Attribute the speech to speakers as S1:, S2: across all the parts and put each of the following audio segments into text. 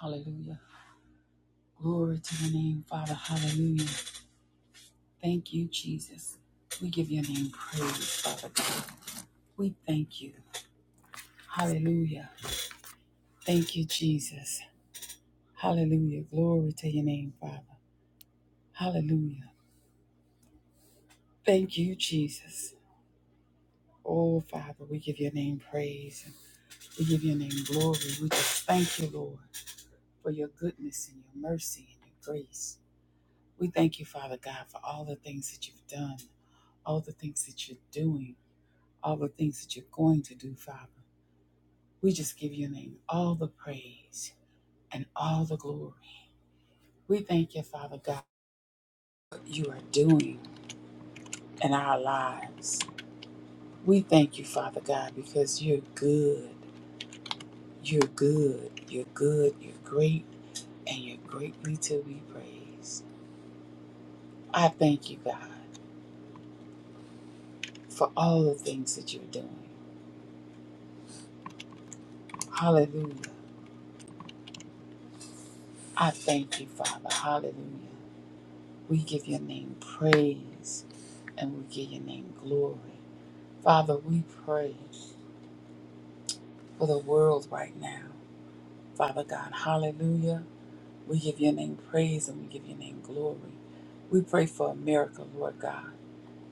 S1: Hallelujah. Glory to your name, Father. Hallelujah. Thank you, Jesus. We give your name praise, Father God. We thank you. Hallelujah. Thank you, Jesus. Hallelujah. Glory to your name, Father. Hallelujah. Thank you, Jesus. Oh, Father, we give your name praise. and We give your name glory. We just thank you, Lord, for your goodness and your mercy and your grace. We thank you, Father God, for all the things that you've done, all the things that you're doing. all the things that you're going to do, Father. We just give your name all the praise and all the glory. We thank you, Father God, what you are doing in our lives. We thank you, Father God, because you're good. You're good. You're good. You're great. And you're greatly to be praised. I thank you, God, for all the things that you're doing. Hallelujah. I thank you, Father. Hallelujah. We give your name praise and we give your name glory. Father, we pray for the world right now. Father God, hallelujah. We give your name praise and we give your name glory. We pray for America, Lord God,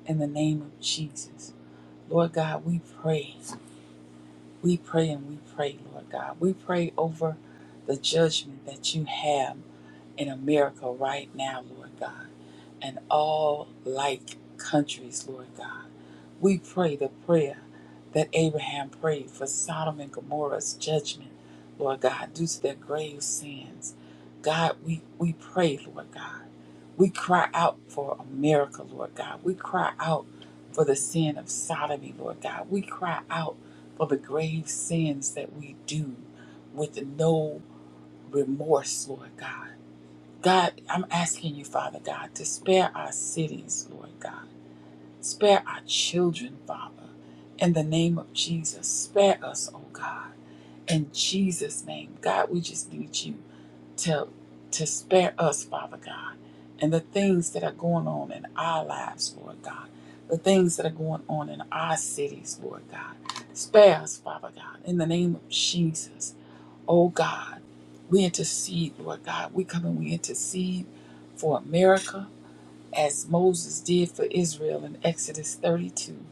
S1: in the name of Jesus. Lord God, we pray. We pray and we pray, Lord God. We pray over the judgment that you have in America right now, Lord God, and all like countries, Lord God. We pray the prayer that Abraham prayed for Sodom and Gomorrah's judgment, Lord God, due to their grave sins. God, we, we pray, Lord God. We cry out for America, Lord God. We cry out for the sin of sodomy, Lord God. We cry out for the grave sins that we do with no remorse, Lord God. God, I'm asking you, Father God, to spare our cities, Lord God Spare our children, Father. In the name of Jesus, spare us, oh God. In Jesus' name, God, we just need you to, to spare us, Father God, and the things that are going on in our lives, Lord God, the things that are going on in our cities, Lord God. Spare us, Father God, in the name of Jesus, oh God. We intercede, Lord God. We come and we intercede for America as Moses did for Israel in Exodus 32.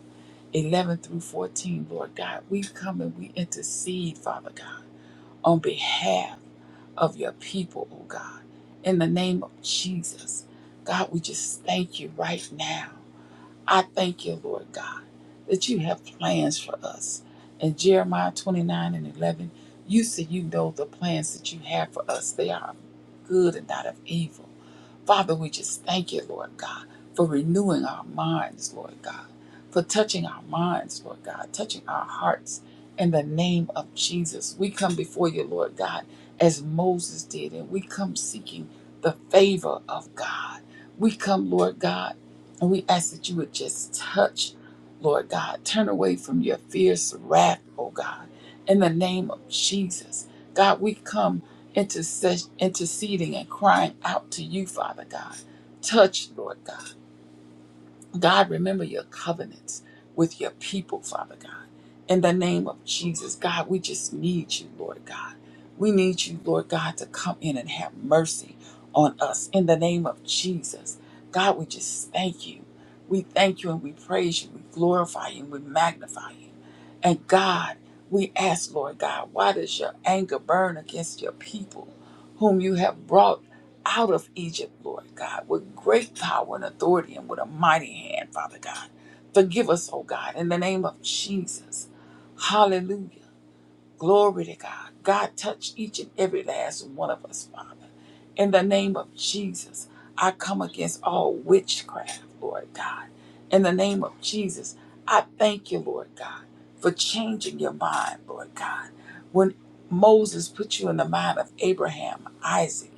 S1: 11 through 14, Lord God, we come and we intercede, Father God, on behalf of your people, oh God, in the name of Jesus. God, we just thank you right now. I thank you, Lord God, that you have plans for us. In Jeremiah 29 and 11, you said you know the plans that you have for us. They are of good and not of evil. Father, we just thank you, Lord God, for renewing our minds, Lord God for touching our minds, Lord God, touching our hearts in the name of Jesus. We come before you, Lord God, as Moses did, and we come seeking the favor of God. We come, Lord God, and we ask that you would just touch, Lord God, turn away from your fierce wrath, oh God, in the name of Jesus. God, we come intercess- interceding and crying out to you, Father God. Touch, Lord God. God, remember your covenants with your people, Father God. In the name of Jesus, God, we just need you, Lord God. We need you, Lord God, to come in and have mercy on us. In the name of Jesus, God, we just thank you. We thank you and we praise you. We glorify you and we magnify you. And God, we ask, Lord God, why does your anger burn against your people, whom you have brought out of Egypt, Lord God, with great power and authority and with a mighty hand, Father God? Forgive us, oh God, in the name of Jesus. Hallelujah. Glory to God. God touch each and every last one of us, Father. In the name of Jesus, I come against all witchcraft, Lord God. In the name of Jesus, I thank you, Lord God, for changing your mind, Lord God. When Moses put you in the mind of Abraham, Isaac,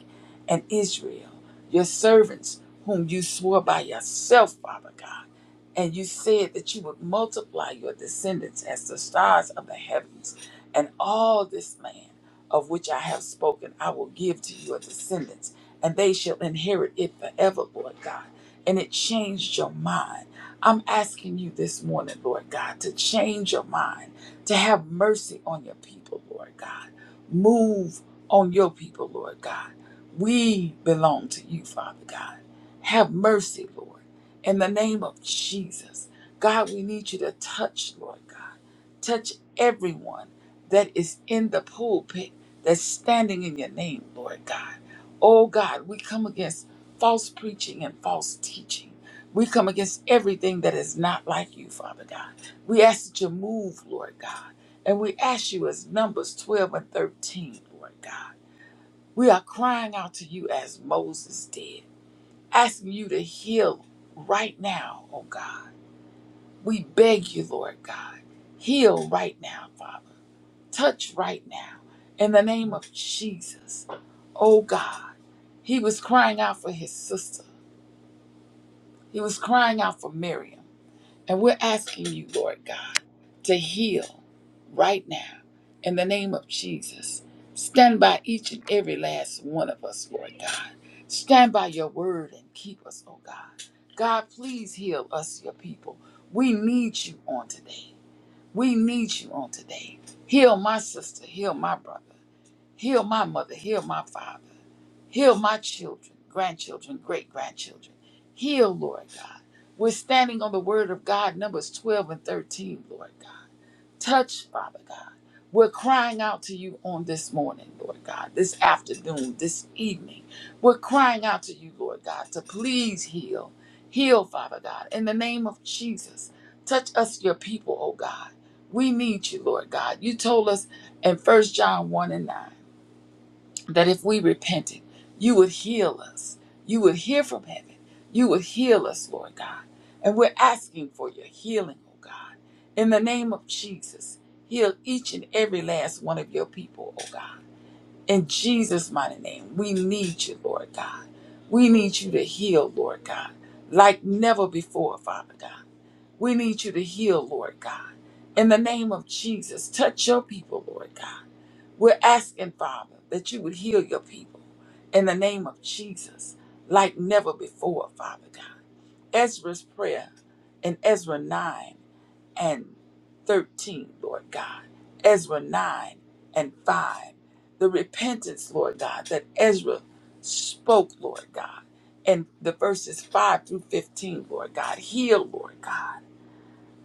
S1: and Israel, your servants, whom you swore by yourself, Father God. And you said that you would multiply your descendants as the stars of the heavens. And all this land of which I have spoken, I will give to your descendants, and they shall inherit it forever, Lord God. And it changed your mind. I'm asking you this morning, Lord God, to change your mind, to have mercy on your people, Lord God. Move on your people, Lord God. We belong to you, Father God. Have mercy, Lord. In the name of Jesus, God, we need you to touch, Lord God. Touch everyone that is in the pulpit that's standing in your name, Lord God. Oh God, we come against false preaching and false teaching. We come against everything that is not like you, Father God. We ask that you move, Lord God. And we ask you as Numbers 12 and 13, Lord God. We are crying out to you as Moses did asking you to heal right now, oh God. We beg you, Lord God, heal right now, Father. Touch right now in the name of Jesus, oh God. He was crying out for his sister, he was crying out for Miriam. And we're asking you, Lord God, to heal. right now in the name of Jesus. Stand by each and every last one of us, Lord God. Stand by your word and keep us, oh God. God, please heal us, your people. We need you on today. We need you on today. Heal my sister, heal my brother, heal my mother, heal my father, heal my children, grandchildren, great grandchildren. Heal, Lord God. We're standing on the word of God, Numbers 12 and 13, Lord God. Touch, Father God. We're crying out to you on this morning, Lord God, this afternoon, this evening. We're crying out to you, Lord God, to please heal. Heal, Father God, in the name of Jesus. Touch us, your people, oh God. We need you, Lord God. You told us in First John 1 and 9 that if we repented, you would heal us. You would hear from heaven. You would heal us, Lord God. And we're asking for your healing, oh God. In the name of Jesus, heal each and every last one of your people, oh God. In Jesus' mighty name, we need you, Lord God. We need you to heal, Lord God, like never before, Father God. We need you to heal, Lord God. In the name of Jesus, touch your people, Lord God. We're asking, Father, that you would heal your people in the name of Jesus like never before, Father God. Ezra's prayer in Ezra 9 and 13, Lord God. Ezra 9 and 5. The repentance, Lord God, that Ezra spoke, Lord God. And the verses 5 through 15, Lord God. Heal, Lord God.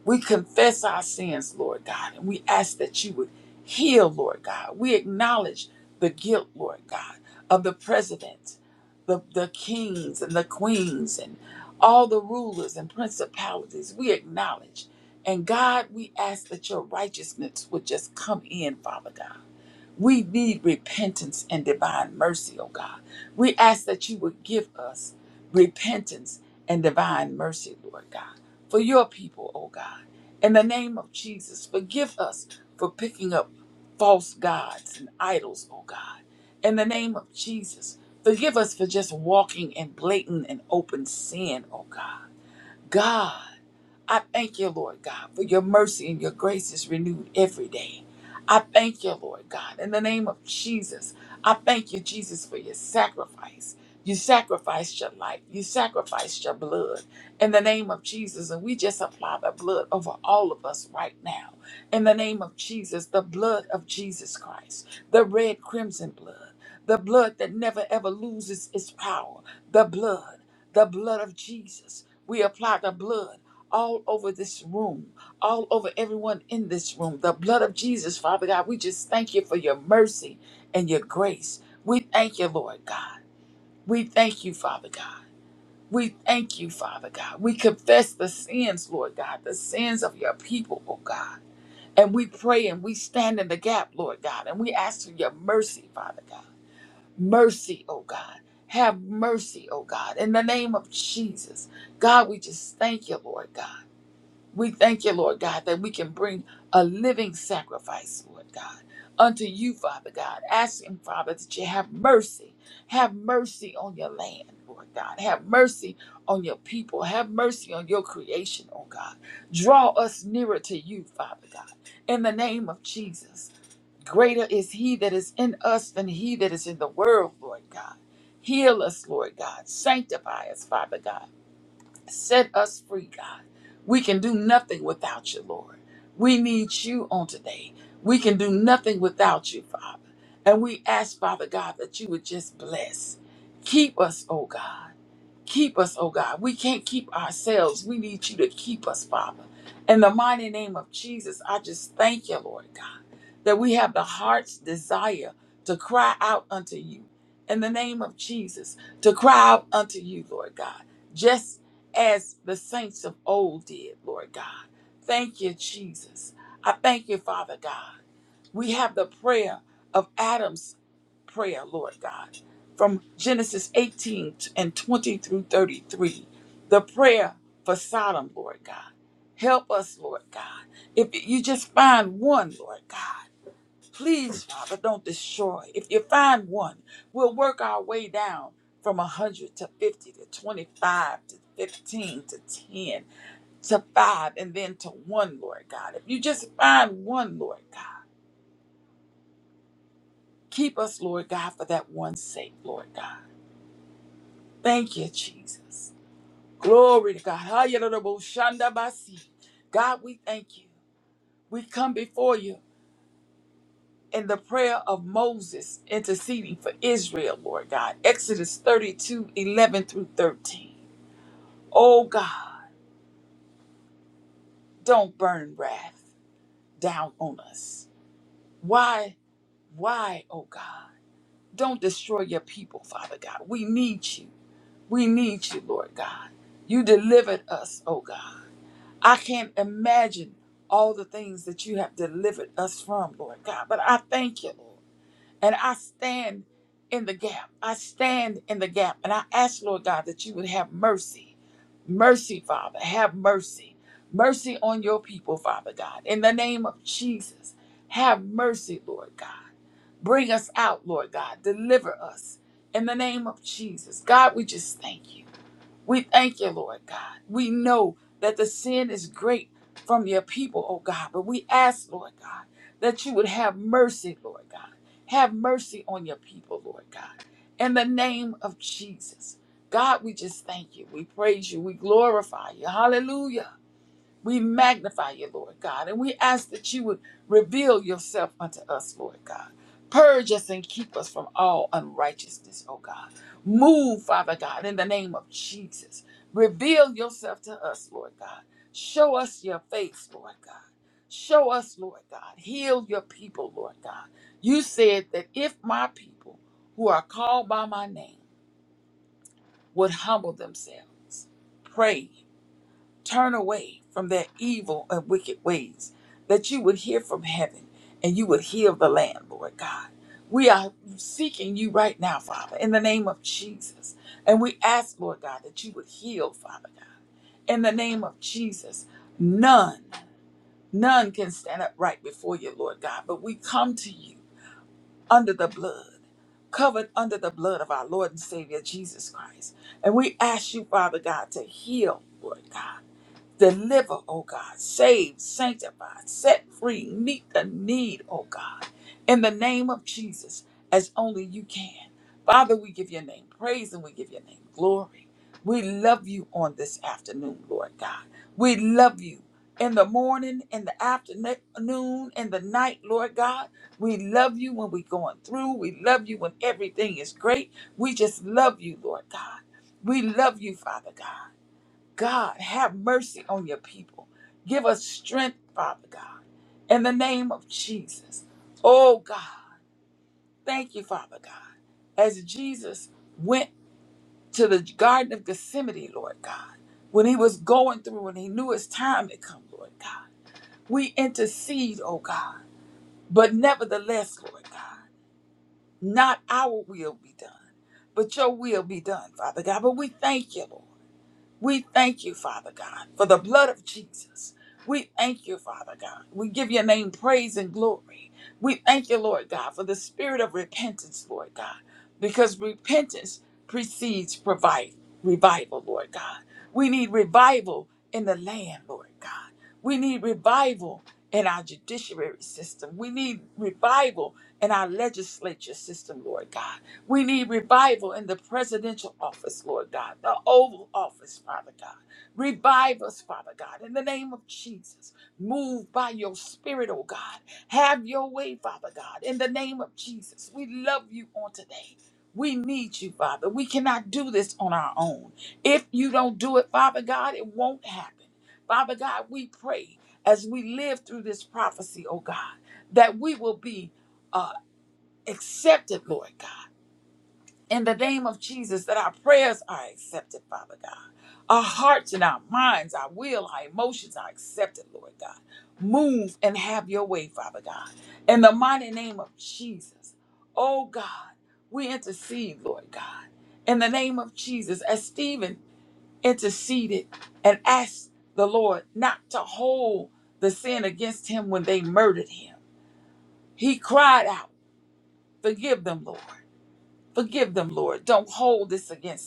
S1: We confess our sins, Lord God, and we ask that you would heal, Lord God. We acknowledge the guilt, Lord God, of the president, the, the kings and the queens, and all the rulers and principalities. We acknowledge. And God, we ask that your righteousness would just come in, Father God. We need repentance and divine mercy, oh God. We ask that you would give us repentance and divine mercy, Lord God, for your people, oh God. In the name of Jesus, forgive us for picking up false gods and idols, oh God. In the name of Jesus, forgive us for just walking in blatant and open sin, oh God. God. I thank you, Lord God, for your mercy and your grace is renewed every day. I thank you, Lord God, in the name of Jesus. I thank you, Jesus, for your sacrifice. You sacrificed your life. You sacrificed your blood in the name of Jesus. And we just apply the blood over all of us right now. In the name of Jesus, the blood of Jesus Christ, the red crimson blood, the blood that never ever loses its power, the blood, the blood of Jesus. We apply the blood all over this room, all over everyone in this room. The blood of Jesus, Father God, we just thank you for your mercy and your grace. We thank you, Lord God. We thank you, Father God. We thank you, Father God. We confess the sins, Lord God, the sins of your people, oh God. And we pray and we stand in the gap, Lord God, and we ask for your mercy, Father God. Mercy, oh God. Have mercy, oh God, in the name of Jesus. God, we just thank you, Lord God. We thank you, Lord God, that we can bring a living sacrifice, Lord God, unto you, Father God, asking, Father, that you have mercy. Have mercy on your land, Lord God. Have mercy on your people. Have mercy on your creation, oh God. Draw us nearer to you, Father God, in the name of Jesus. Greater is he that is in us than he that is in the world, Lord God. Heal us, Lord God. Sanctify us, Father God. Set us free, God. We can do nothing without you, Lord. We need you on today. We can do nothing without you, Father. And we ask, Father God, that you would just bless. Keep us, oh God. Keep us, oh God. We can't keep ourselves. We need you to keep us, Father. In the mighty name of Jesus, I just thank you, Lord God, that we have the heart's desire to cry out unto you. In the name of Jesus, to cry out unto you, Lord God, just as the saints of old did, Lord God. Thank you, Jesus. I thank you, Father God. We have the prayer of Adam's prayer, Lord God, from Genesis 18 and 20 through 33. The prayer for Sodom, Lord God. Help us, Lord God. If you just find one, Lord God, please, Father, don't destroy. If you find one, we'll work our way down from 100 to 50 to 25 to 15 to 10 to 5 and then to 1, Lord God. If you just find one, Lord God Keep us, Lord God, for that one's sake, Lord God. Thank you, Jesus. Glory to God. Hayaraboshandabasi. God, we thank you. We come before you in the prayer of Moses interceding for Israel, Lord God. Exodus 32, 11 through 13. Oh God, don't burn wrath down on us. Why, why, oh God? Don't destroy your people, Father God. We need you. We need you, Lord God. You delivered us, oh God. I can't imagine all the things that you have delivered us from, Lord God, but I thank you, Lord. And I stand in the gap. I stand in the gap. And I ask, Lord God, that you would have mercy. Mercy, Father. Have mercy. Mercy on your people, Father God. In the name of Jesus, have mercy, Lord God. Bring us out, Lord God. Deliver us in the name of Jesus. God, we just thank you. We thank you, Lord God. We know that the sin is great from your people, oh God, but we ask, Lord God, that you would have mercy, Lord God. Have mercy on your people, Lord God. In the name of Jesus. God, we just thank you. We praise you. We glorify you. Hallelujah. We magnify you, Lord God, and we ask that you would reveal yourself unto us, Lord God. Purge us and keep us from all unrighteousness, oh God. Move, Father God, in the name of Jesus. Reveal yourself to us, Lord God. Show us your face, Lord God. Show us, Lord God. Heal your people, Lord God. You said that if my people who are called by my name would humble themselves, pray turn away from their evil and wicked ways, that you would hear from heaven and you would heal the land, Lord God. We are seeking you right now, Father, in the name of Jesus. And we ask, Lord God, that you would heal, Father God, in the name of Jesus. None, none can stand upright before you, Lord God, but we come to you under the blood. Covered under the blood of our Lord and Savior Jesus Christ. And we ask you, Father God, to heal, Lord God Deliver, oh God. Save, sanctify, set free, meet the need, oh God. In the name of Jesus, as only you can. Father, we give your name praise and we give your name glory. We love you on this afternoon, Lord God. We love you in the morning, in the afternoon, in the night, Lord God. We love you when we're going through. We love you when everything is great. We just love you, Lord God. We love you, Father God. God, have mercy on your people. Give us strength, Father God, in the name of Jesus. Oh God, thank you, Father God. As Jesus went to the Garden of Gethsemane, Lord God, when he was going through and he knew his time had come, Lord God, we intercede, oh God. But nevertheless, Lord God, not our will be done, but your will be done, Father God. But we thank you, Lord. We thank you, Father God, for the blood of Jesus. We thank you, Father God. We give your name praise and glory. We thank you, Lord God, for the spirit of repentance, Lord God, because repentance precedes provide, revival, Lord God. We need revival in the land, Lord God. We need revival in our judiciary system. We need revival in our legislature system, Lord God. We need revival in the presidential office, Lord God, the Oval Office, Father God. Revive us, Father God, in the name of Jesus. Move by your Spirit, oh God. Have your way, Father God, in the name of Jesus. We love you on today. We need you, Father. We cannot do this on our own. If you don't do it, Father God, it won't happen. Father God, we pray as we live through this prophecy, oh God, that we will be uh, accepted, Lord God in the name of Jesus that our prayers are accepted, Father God. Our hearts and our minds, our will, our emotions are accepted, Lord God. Move and have your way, Father God. In the mighty name of Jesus, oh God, we intercede, Lord God. In the name of Jesus, as Stephen interceded and asked the Lord not to hold the sin against him when they murdered him, he cried out, Forgive them, Lord. Forgive them, Lord. Don't hold this against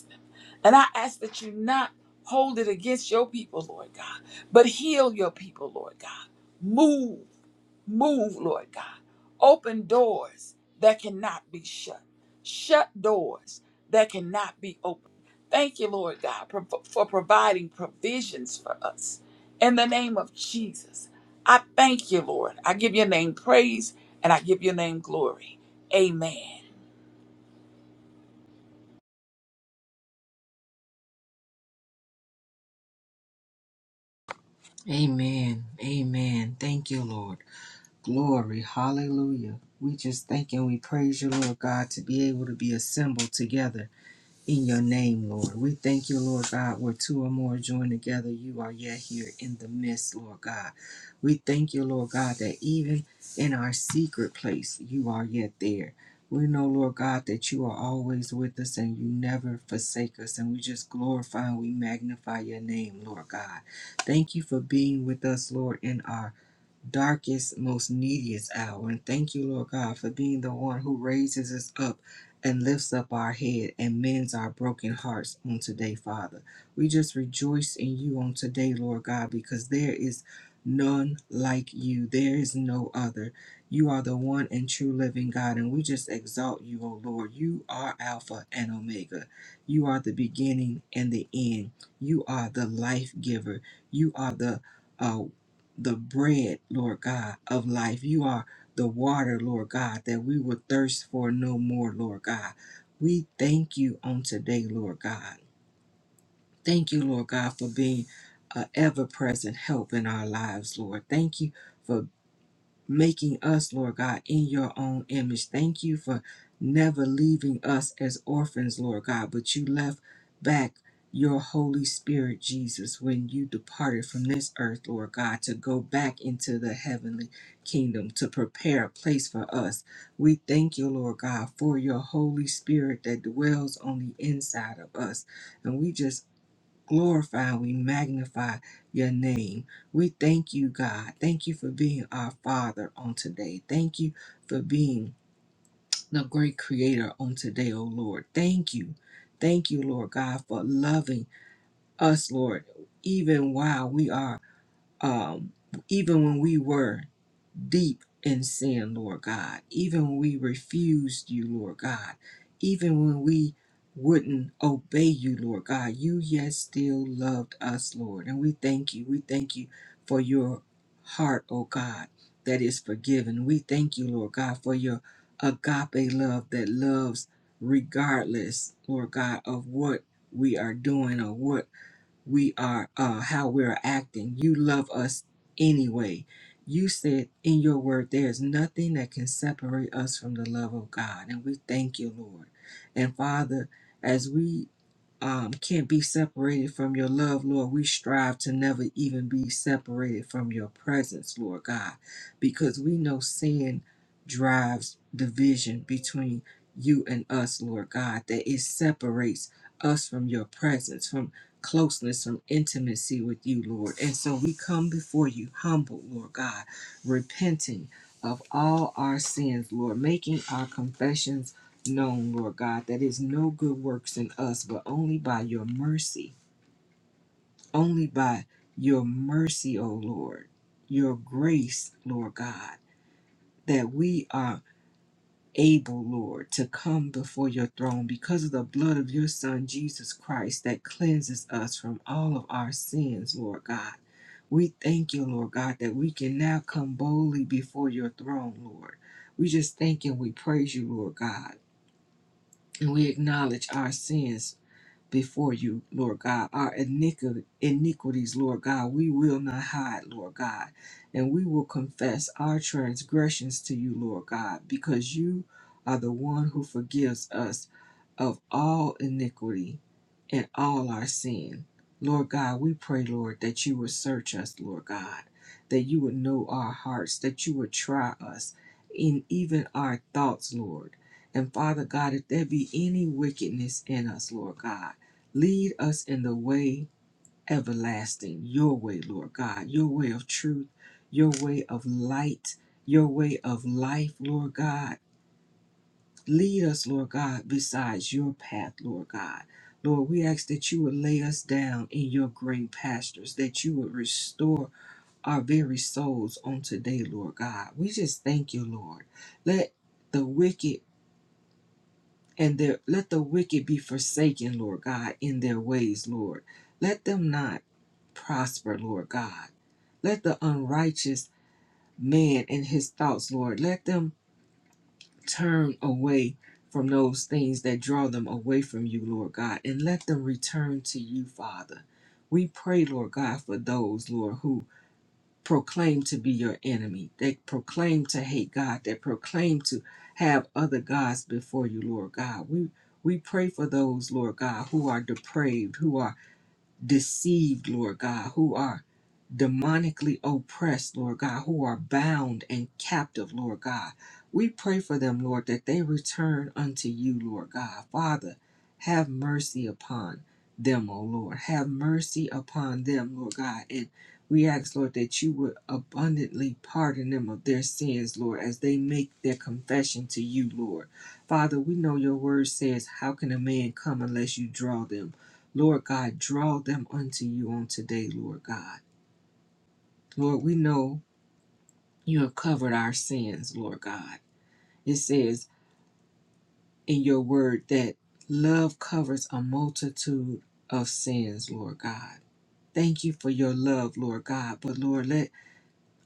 S1: and I ask that you not hold it against your people, Lord God, but heal your people, Lord God. Move, move, Lord God. Open doors that cannot be shut, shut doors that cannot be opened. Thank you, Lord God, pro- for providing provisions for us. In the name of Jesus, I thank you, Lord. I give your name praise and I give your name glory. Amen.
S2: Amen. Amen. Thank you, Lord. Glory. Hallelujah. We just thank and we praise you, Lord God, to be able to be assembled together in your name, Lord. We thank you, Lord God, where two or more join together, you are yet here in the midst, Lord God. We thank you, Lord God, that even in our secret place, you are yet there. We know, Lord God, that you are always with us and you never forsake us. And we just glorify and we magnify your name, Lord God. Thank you for being with us, Lord, in our darkest, most neediest hour. And thank you, Lord God, for being the one who raises us up and lifts up our head and mends our broken hearts on today, Father. We just rejoice in you on today, Lord God, because there is none like you. There is no other. You are the one and true living God, and we just exalt you, O Lord. You are Alpha and Omega. You are the beginning and the end. You are the life giver. You are the uh, the bread, Lord God, of life. You are the water, Lord God, that we will thirst for no more, Lord God. We thank you on today, Lord God. Thank you, Lord God, for being an ever present help in our lives, Lord. Thank you. for making us, Lord God, in your own image. Thank you for never leaving us as orphans, Lord God, but you left back your Holy Spirit, Jesus, when you departed from this earth, Lord God, to go back into the heavenly kingdom to prepare a place for us. We thank you, Lord God, for your Holy Spirit that dwells on the inside of us. And we just glorify, we magnify your name. We thank you, God. Thank you for being our Father on today. Thank you for being the great creator on today, oh Lord. Thank you. Thank you, Lord God, for loving us, Lord, even while we are, um, even when we were deep in sin, Lord God. Even when we refused you, Lord God. Even when we wouldn't obey you, Lord God, you yet still loved us, Lord. And we thank you. We thank you for your heart, oh God, that is forgiven. We thank you, Lord God, for your agape love that loves regardless, Lord God, of what we are doing or what we are uh how we're acting you love us anyway you said in your word there is nothing that can separate us from the love of god and we thank you lord and father as we um, can't be separated from your love, Lord. We strive to never even be separated from your presence, Lord God, because we know sin drives division between you and us, Lord God, that it separates us from your presence, from closeness, some intimacy with you, Lord. And so we come before you humble, Lord God, repenting of all our sins, Lord, making our confessions known, Lord God, that is no good works in us, but only by your mercy, only by your mercy, O Lord, your grace, Lord God, that we are able, Lord, to come before your throne because of the blood of your Son, Jesus Christ, that cleanses us from all of our sins, Lord God. We thank you, Lord God, that we can now come boldly before your throne, Lord. We just thank and we praise you, Lord God. And we acknowledge our sins before you, Lord God. Our iniqui- iniquities, Lord God, we will not hide, Lord God. And we will confess our transgressions to you, Lord God, because you are the one who forgives us of all iniquity and all our sin. Lord God, we pray, Lord, that you would search us, Lord God, that you would know our hearts, that you would try us in even our thoughts, Lord. And Father God, if there be any wickedness in us, Lord God, lead us in the way everlasting, your way, Lord God, your way of truth, your way of light, your way of life, Lord God. Lead us, Lord God, besides your path, Lord God. Lord, we ask that you would lay us down in your green pastures, that you would restore our very souls on today, Lord God. We just thank you, Lord. Let the wicked and their let the wicked be forsaken, Lord God, in their ways, Lord. Let them not prosper, Lord God. Let the unrighteous man and his thoughts, Lord, let them turn away from those things that draw them away from you, Lord God, and let them return to you, Father. We pray, Lord God, for those, Lord, who proclaim to be your enemy, that proclaim to hate God, that proclaim to have other gods before you, Lord God. We we pray for those, Lord God, who are depraved, who are deceived, Lord God, who are demonically oppressed, Lord God, who are bound and captive, Lord God. We pray for them, Lord, that they return unto you, Lord God. Father, have mercy upon them, O Lord. Have mercy upon them, Lord God. And we ask, Lord, that you would abundantly pardon them of their sins, Lord, as they make their confession to you, Lord. Father, we know your word says, How can a man come unless you draw them? Lord God, draw them unto you on today, Lord God. Lord, we know you have covered our sins, Lord God. It says in your word that love covers a multitude of sins, Lord God. Thank you for your love, Lord God. But Lord, let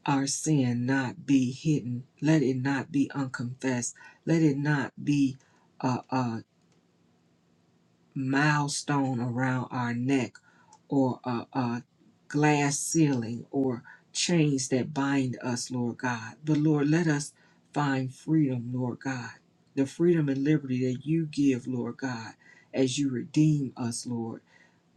S2: our sin not be hidden. Let it not be unconfessed. Let it not be uh, uh, milestone around our neck or a, a glass ceiling or chains that bind us, Lord God. But Lord, let us find freedom, Lord God, the freedom and liberty that you give, Lord God, as you redeem us, Lord.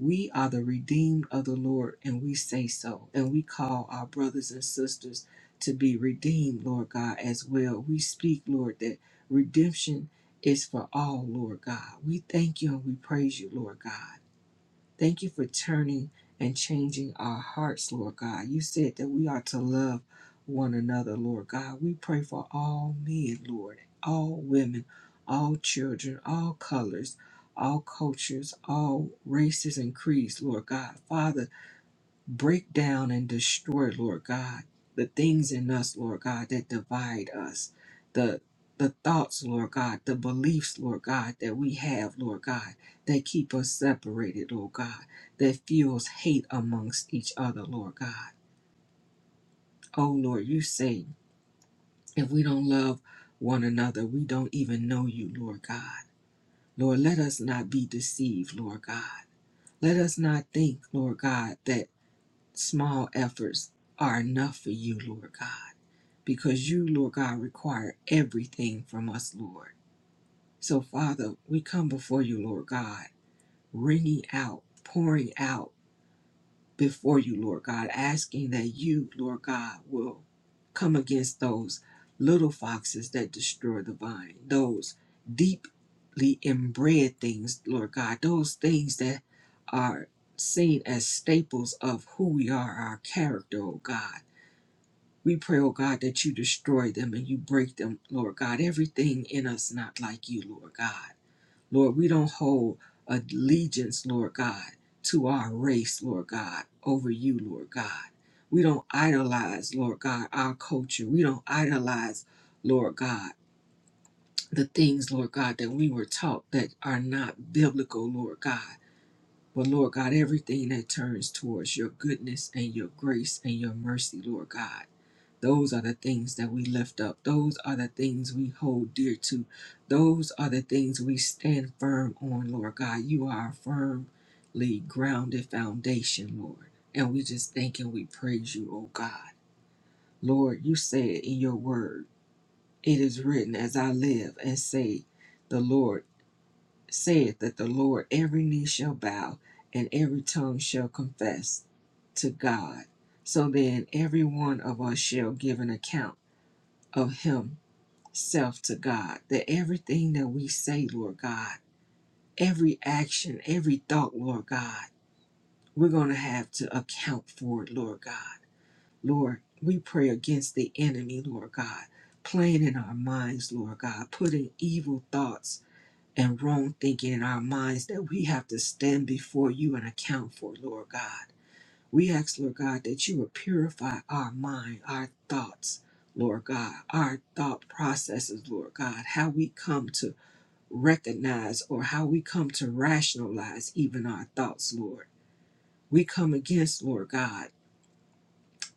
S2: We are the redeemed of the Lord, and we say so. And we call our brothers and sisters to be redeemed, Lord God, as well. We speak, Lord, that redemption is for all, Lord God. We thank you and we praise you, Lord God. Thank you for turning and changing our hearts, Lord God. You said that we are to love one another, Lord God. We pray for all men, Lord, all women, all children, all colors, all cultures, all races and creeds, Lord God. Father, break down and destroy, Lord God, the things in us, Lord God, that divide us, the the thoughts, Lord God, the beliefs, Lord God, that we have, Lord God, that keep us separated, Lord God, that fuels hate amongst each other, Lord God. Oh Lord, you say if we don't love one another, we don't even know you, Lord God. Lord, let us not be deceived, Lord God. Let us not think, Lord God, that small efforts are enough for you, Lord God. because you, Lord God, require everything from us, Lord. So, Father, we come before you, Lord God, wringing out, pouring out before you, Lord God, asking that you, Lord God, will come against those little foxes that destroy the vine, those deeply inbred things, Lord God, those things that are seen as staples of who we are, our character, oh God we pray, oh God, that you destroy them and you break them, Lord God. Everything in us not like you, Lord God. Lord, we don't hold allegiance, Lord God, to our race, Lord God, over you, Lord God. We don't idolize, Lord God, our culture. We don't idolize, Lord God, the things, Lord God, that we were taught that are not biblical, Lord God. But Lord God, everything that turns towards your goodness and your grace and your mercy, Lord God. Those are the things that we lift up. Those are the things we hold dear to. Those are the things we stand firm on, Lord God. You are a firmly grounded foundation, Lord. And we just thank and we praise you, oh God. Lord, you said in your word, it is written, as I live and say, the Lord saith that the Lord, every knee shall bow and every tongue shall confess to God. So then, every one of us shall give an account of himself to God. That everything that we say, Lord God, every action, every thought, Lord God, we're going to have to account for it, Lord God. Lord, we pray against the enemy, Lord God, playing in our minds, Lord God, putting evil thoughts and wrong thinking in our minds that we have to stand before you and account for, Lord God. We ask, Lord God, that you would purify our mind, our thoughts, Lord God, our thought processes, Lord God, how we come to recognize or how we come to rationalize even our thoughts, Lord. We come against, Lord God,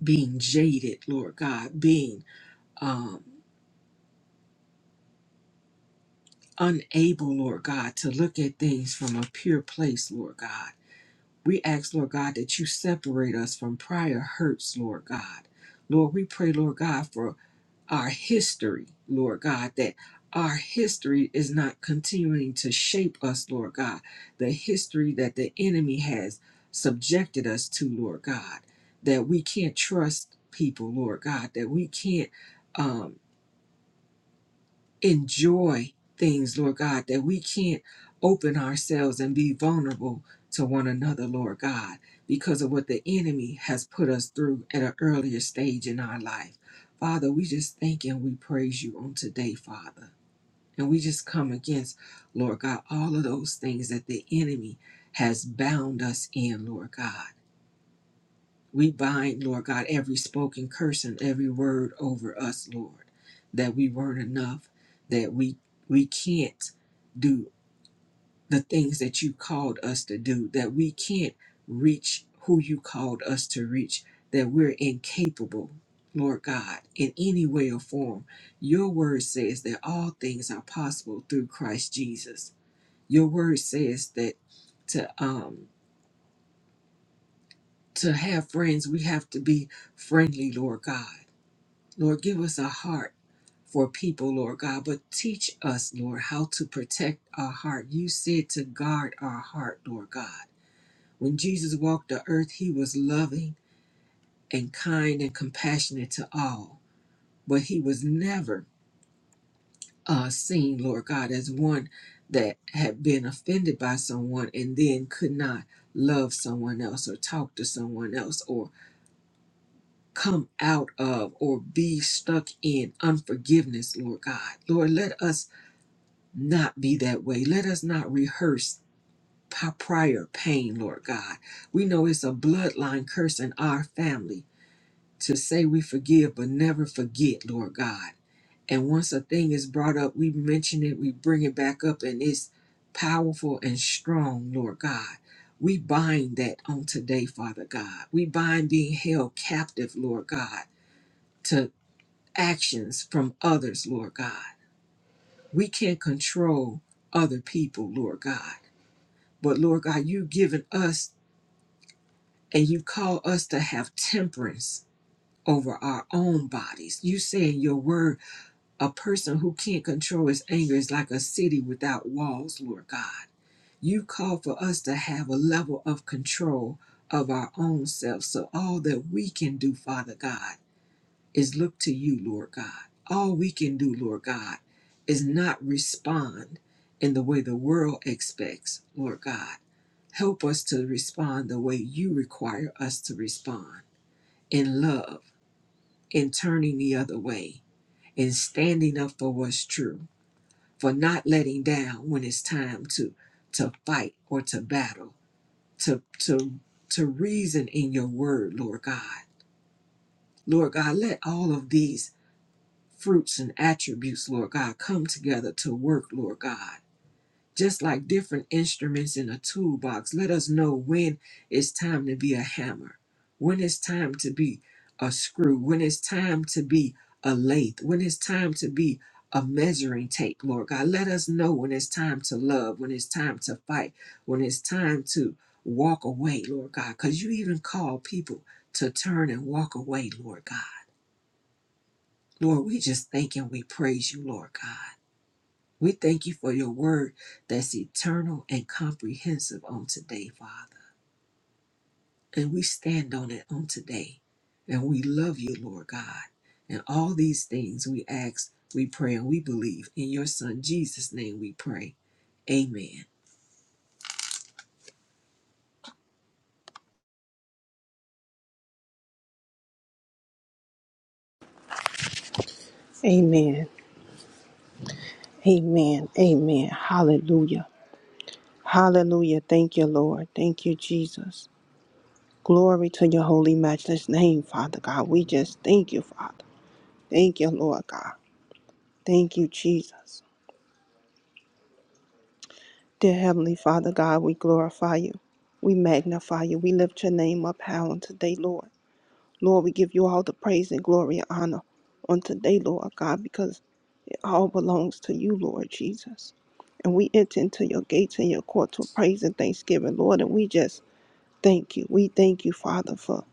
S2: being jaded, Lord God, being um, unable, Lord God, to look at things from a pure place, Lord God. We ask, Lord God, that you separate us from prior hurts, Lord God. Lord, we pray, Lord God, for our history, Lord God, that our history is not continuing to shape us, Lord God. The history that the enemy has subjected us to, Lord God, that we can't trust people, Lord God, that we can't. um, enjoy things, Lord God, that we can't open ourselves and be vulnerable to one another, Lord God, because of what the enemy has put us through at an earlier stage in our life. Father, we just thank and we praise you on today, Father. And we just come against, Lord God, all of those things that the enemy has bound us in, Lord God. We bind, Lord God, every spoken curse and every word over us, Lord, that we weren't enough, that we we can't do the things that you called us to do, that we can't reach who you called us to reach, that we're incapable, Lord God, in any way or form. Your word says that all things are possible through Christ Jesus. Your word says that to um to have friends, we have to be friendly, Lord God Lord, give us a heart for people, Lord God, but teach us, Lord, how to protect our heart. You said to guard our heart, Lord God. When Jesus walked the earth, he was loving and kind and compassionate to all, but he was never uh, seen, Lord God, as one that had been offended by someone and then could not love someone else or talk to someone else or come out of or be stuck in unforgiveness, Lord God. Lord, let us not be that way. Let us not rehearse p- prior pain, Lord God. We know it's a bloodline curse in our family to say we forgive but never forget, Lord God. And once a thing is brought up, we mention it, we bring it back up, and it's powerful and strong, Lord God. We bind that on today, Father God. We bind being held captive, Lord God, to actions from others, Lord God. We can't control other people, Lord God. But Lord God, you've given us and you call us to have temperance over our own bodies. You say in your word, a person who can't control his anger is like a city without walls, Lord God. You call for us to have a level of control of our own selves. So all that we can do, Father God is look to you, Lord God. All we can do, Lord God, is not respond in the way the world expects, Lord God. Help us to respond the way you require us to respond in love, in turning the other way, in standing up for what's true, for not letting down when it's time to to fight or to battle, to to to reason in your word, Lord God. Lord God, let all of these fruits and attributes, Lord God, come together to work, Lord God. Just like different instruments in a toolbox, let us know when it's time to be a hammer, when it's time to be a screw, when it's time to be a lathe, when it's time to be a measuring tape, Lord God. Let us know when it's time to love, when it's time to fight, when it's time to walk away, Lord God, because you even call people to turn and walk away, Lord God. Lord, we just thank and we praise you, Lord God. We thank you for your word that's eternal and comprehensive on today, Father. And we stand on it on today. And we love you, Lord God. And all these things we ask, we pray, and we believe. In your Son, Jesus' name, we pray. Amen.
S3: Amen. Amen. Amen. Hallelujah. Hallelujah. Thank you, Lord. Thank you, Jesus. Glory to your holy, matchless name, Father God. We just thank you, Father. Thank you, Lord God. Thank you, Jesus. Dear Heavenly Father God, we glorify you. We magnify you. We lift your name up high on today, Lord. Lord, we give you all the praise and glory and honor on today, Lord God, because it all belongs to you, Lord Jesus. And we enter into your gates and your courts with praise and thanksgiving, Lord. And we just thank you. We thank you, Father, for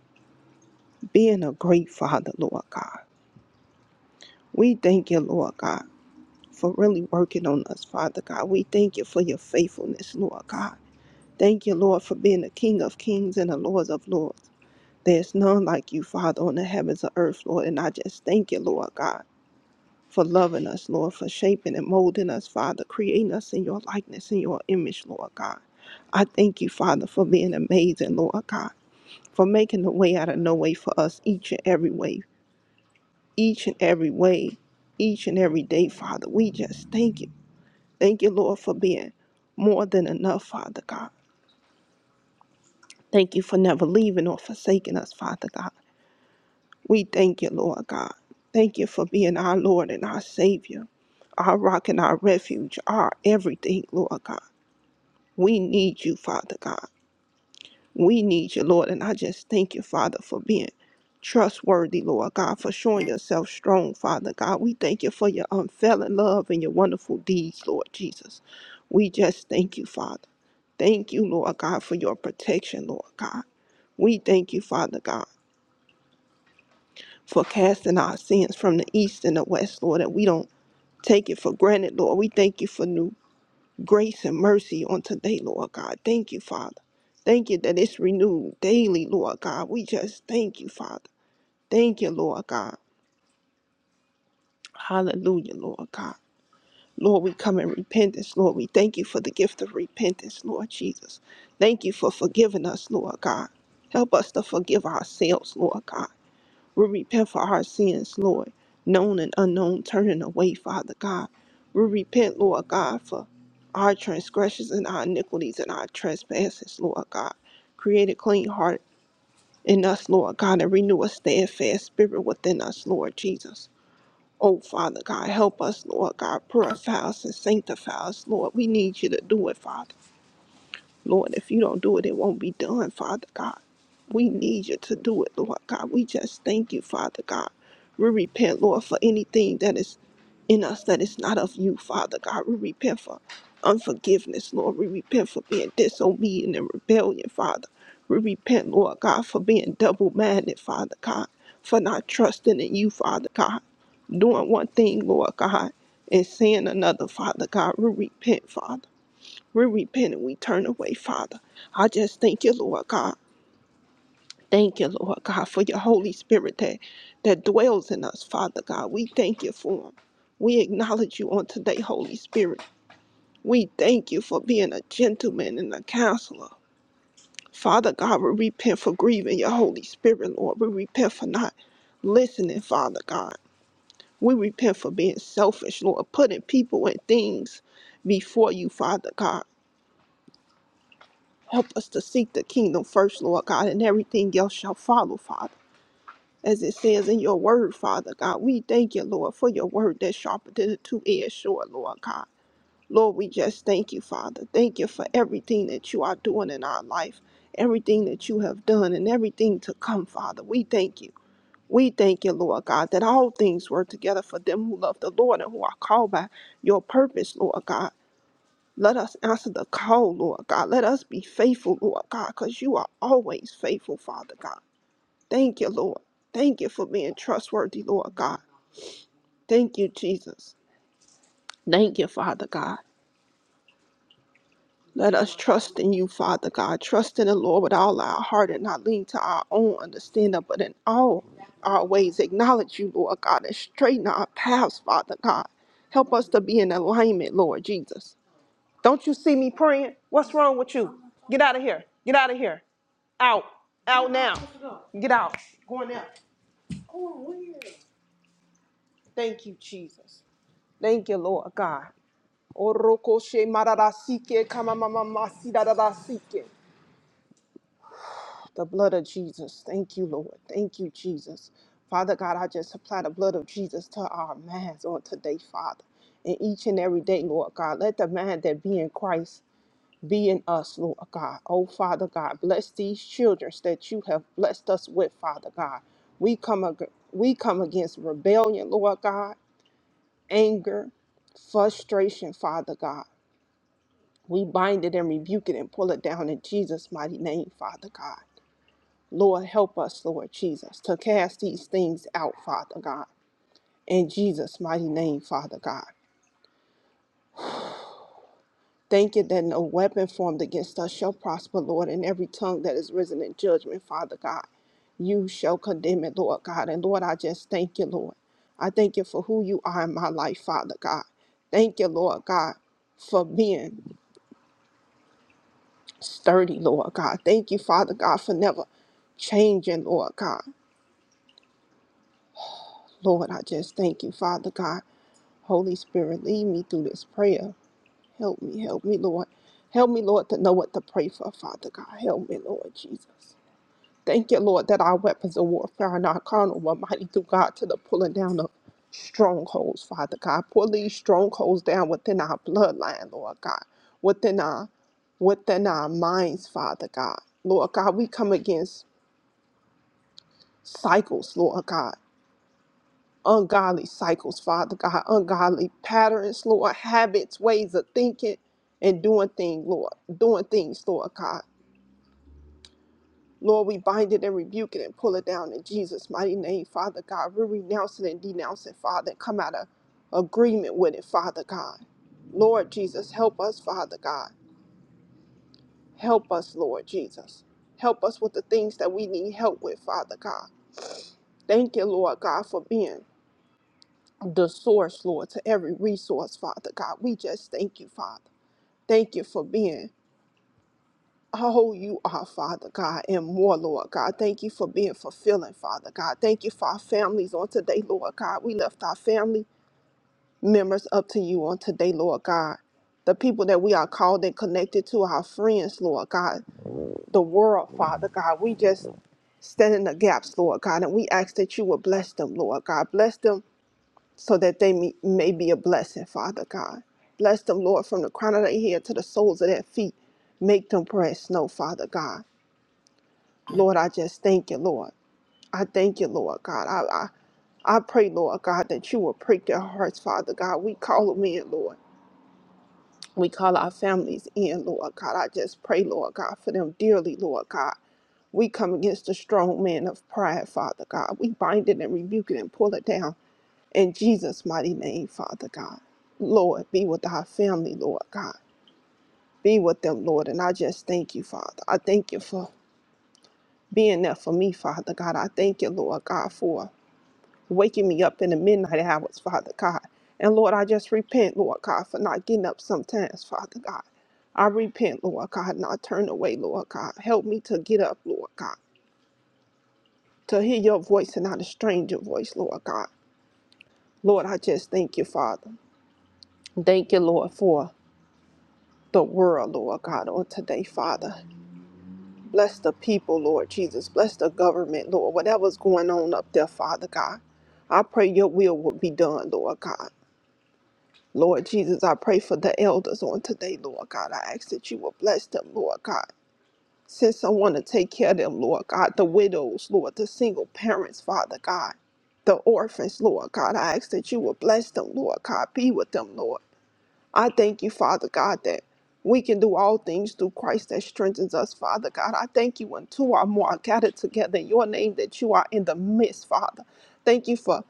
S3: being a great Father, Lord God. We thank you, Lord God, for really working on us, Father God. We thank you for your faithfulness, Lord God. Thank you, Lord, for being the King of kings and the Lord of lords. There's none like you, Father, on the heavens or earth, Lord. And I just thank you, Lord God. for loving us, Lord, for shaping and molding us, Father, creating us in your likeness, in your image, Lord God. I thank you, Father, for being amazing, Lord God, for making the way out of no way for us each and every way, each and every way, each and every day, Father. We just thank you. Thank you, Lord, for being more than enough, Father God. Thank you for never leaving or forsaking us, Father God. We thank you, Lord God. Thank you for being our Lord and our Savior, our rock and our refuge, our everything, Lord God. We need you, Father God. We need you, Lord. And I just thank you, Father, for being trustworthy, Lord God, for showing yourself strong, Father God. We thank you for your unfailing love and your wonderful deeds, Lord Jesus. We just thank you, Father. Thank you, Lord God, for your protection, Lord God. We thank you, Father God, for casting our sins from the east and the west, Lord, and we don't take it for granted, Lord. We thank you for new grace and mercy on today, Lord God. Thank you, Father. Thank you that it's renewed daily, Lord God. We just thank you, Father. Thank you, Lord God. Hallelujah, Lord God. Lord, we come in repentance, Lord. We thank you for the gift of repentance, Lord Jesus. Thank you for forgiving us, Lord God. Help us to forgive ourselves, Lord God. We repent for our sins, Lord, known and unknown, turning away, Father God. We repent, Lord God, for our transgressions and our iniquities and our trespasses, Lord God. Create a clean heart in us, Lord God, and renew a steadfast spirit within us, Lord Jesus. Oh, Father God, help us, Lord God. Purify us and sanctify us, Lord. We need you to do it, Father. Lord, if you don't do it, it won't be done, Father God. We need you to do it, Lord God. We just thank you, Father God. We repent, Lord, for anything that is in us that is not of you, Father God. We repent for unforgiveness, Lord. We repent for being disobedient and rebellion, Father. We repent, Lord God, for being double minded, Father God, for not trusting in you, Father God. Doing one thing, Lord God, and saying another, Father God. We repent, Father. We repent and we turn away, Father. I just thank you, Lord God. Thank you, Lord God, for your Holy Spirit that, that dwells in us, Father God. We thank you for him. We acknowledge you on today, Holy Spirit. We thank you for being a gentleman and a counselor. Father God, we repent for grieving your Holy Spirit, Lord. We repent for not listening, Father God. We repent for being selfish, Lord, putting people and things before you, Father God. Help us to seek the kingdom first, Lord God, and everything else shall follow, Father. As it says in your word, Father God, we thank you, Lord, for your word that's sharper than a two-edged sword, Lord God. Lord, we just thank you, Father. Thank you for everything that you are doing in our life, everything that you have done, and everything to come, Father. We thank you. We thank you, Lord God, that all things work together for them who love the Lord and who are called by your purpose, Lord God. Let us answer the call, Lord God. Let us be faithful, Lord God, because you are always faithful, Father God. Thank you, Lord. Thank you for being trustworthy, Lord God. Thank you, Jesus. Thank you, Father God. Let us trust in you, Father God. Trust in the Lord with all our heart and not lean to our own understanding, but in all our ways acknowledge you, Lord God, and straighten our paths, Father God. Help us to be in alignment, Lord Jesus. Don't you see me praying? What's wrong with you? Get out of here. Get out of here. Out. Out now. Get out. Going out. Thank you, Jesus. Thank you, Lord God. Orokoshe mararasike kamamamamasi dararasike. The blood of Jesus. Thank you, Lord. Thank you, Jesus. Father God, I just apply the blood of Jesus to our minds on today, Father. And each and every day, Lord God, let the mind that be in Christ be in us, Lord God. Oh, Father God, bless these children that you have blessed us with, Father God. We come, ag- we come against rebellion, Lord God, anger, frustration, Father God. We bind it and rebuke it and pull it down in Jesus' mighty name, Father God. Lord, help us, Lord Jesus, to cast these things out, Father God. In Jesus' mighty name, Father God. Thank you that no weapon formed against us shall prosper, Lord, and every tongue that is risen in judgment, Father God, you shall condemn it, Lord God. And Lord, I just thank you, Lord. I thank you for who you are in my life, Father God. Thank you, Lord God, for being sturdy, Lord God. Thank you, Father God, for never changing, Lord God. Lord, I just thank you, Father God. Holy Spirit, lead me through this prayer. Help me, help me, Lord. Help me, Lord, to know what to pray for, Father God. Help me, Lord Jesus. Thank you, Lord, that our weapons of warfare are not carnal, but mighty through God to the pulling down of strongholds, Father God. Pull these strongholds down within our bloodline, Lord God, within our within our minds, Father God. Lord God, we come against cycles, Lord God. Ungodly cycles, Father God, ungodly patterns, Lord, habits, ways of thinking and doing things, Lord, doing things, Lord God. Lord, we bind it and rebuke it and pull it down in Jesus' mighty name, Father God. We renounce it and denounce it, Father, and come out of agreement with it, Father God. Lord Jesus, help us, Father God. Help us, Lord Jesus. Help us with the things that we need help with, Father God. Thank you, Lord God, for being the source, Lord, to every resource, Father God. We just thank you, Father. Thank you for being Oh, you are, Father God, and more, Lord God. Thank you for being fulfilling, Father God. Thank you for our families on today, Lord God. We left our family members up to you on today, Lord God. The people that we are called and connected to, our friends, Lord God, the world, Father God. We just stand in the gaps, Lord God, and we ask that you will bless them, Lord God. Bless them so that they may may be a blessing, Father God. Bless them, Lord, from the crown of their head to the soles of their feet. Make them press, no, Father God. Lord, I just thank you, Lord. I thank you, Lord God. I, I, I pray, Lord God, that you will prick their hearts, Father God. We call them in, Lord. We call our families in, Lord God. I just pray, Lord God, for them dearly, Lord God. We come against the strong man of pride, Father God. We bind it and rebuke it and pull it down in Jesus' mighty name, Father God. Lord, be with our family, Lord God. Be with them, Lord. And I just thank you, Father. I thank you for being there for me, Father God. I thank you, Lord God, for waking me up in the midnight hours, Father God. And Lord, I just repent, Lord God, for not getting up sometimes, Father God. I repent, Lord God, and I turn away, Lord God. Help me to get up, Lord God, to hear your voice and not a stranger voice, Lord God. Lord, I just thank you, Father. Thank you, Lord, for the world, Lord God, on today, Father. Bless the people, Lord Jesus. Bless the government, Lord. Whatever's going on up there, Father God. I pray your will will be done, Lord God. Lord Jesus, I pray for the elders on today, Lord God. I ask that you will bless them, Lord God. Send someone to take care of them, Lord God. The widows, Lord, the single parents, Father God. The orphans, Lord God. I ask that you will bless them, Lord God. Be with them, Lord. I thank you, Father God, that we can do all things through Christ that strengthens us, Father God. I thank you when two or more are gathered together in your name that you are in the midst, Father. Thank you for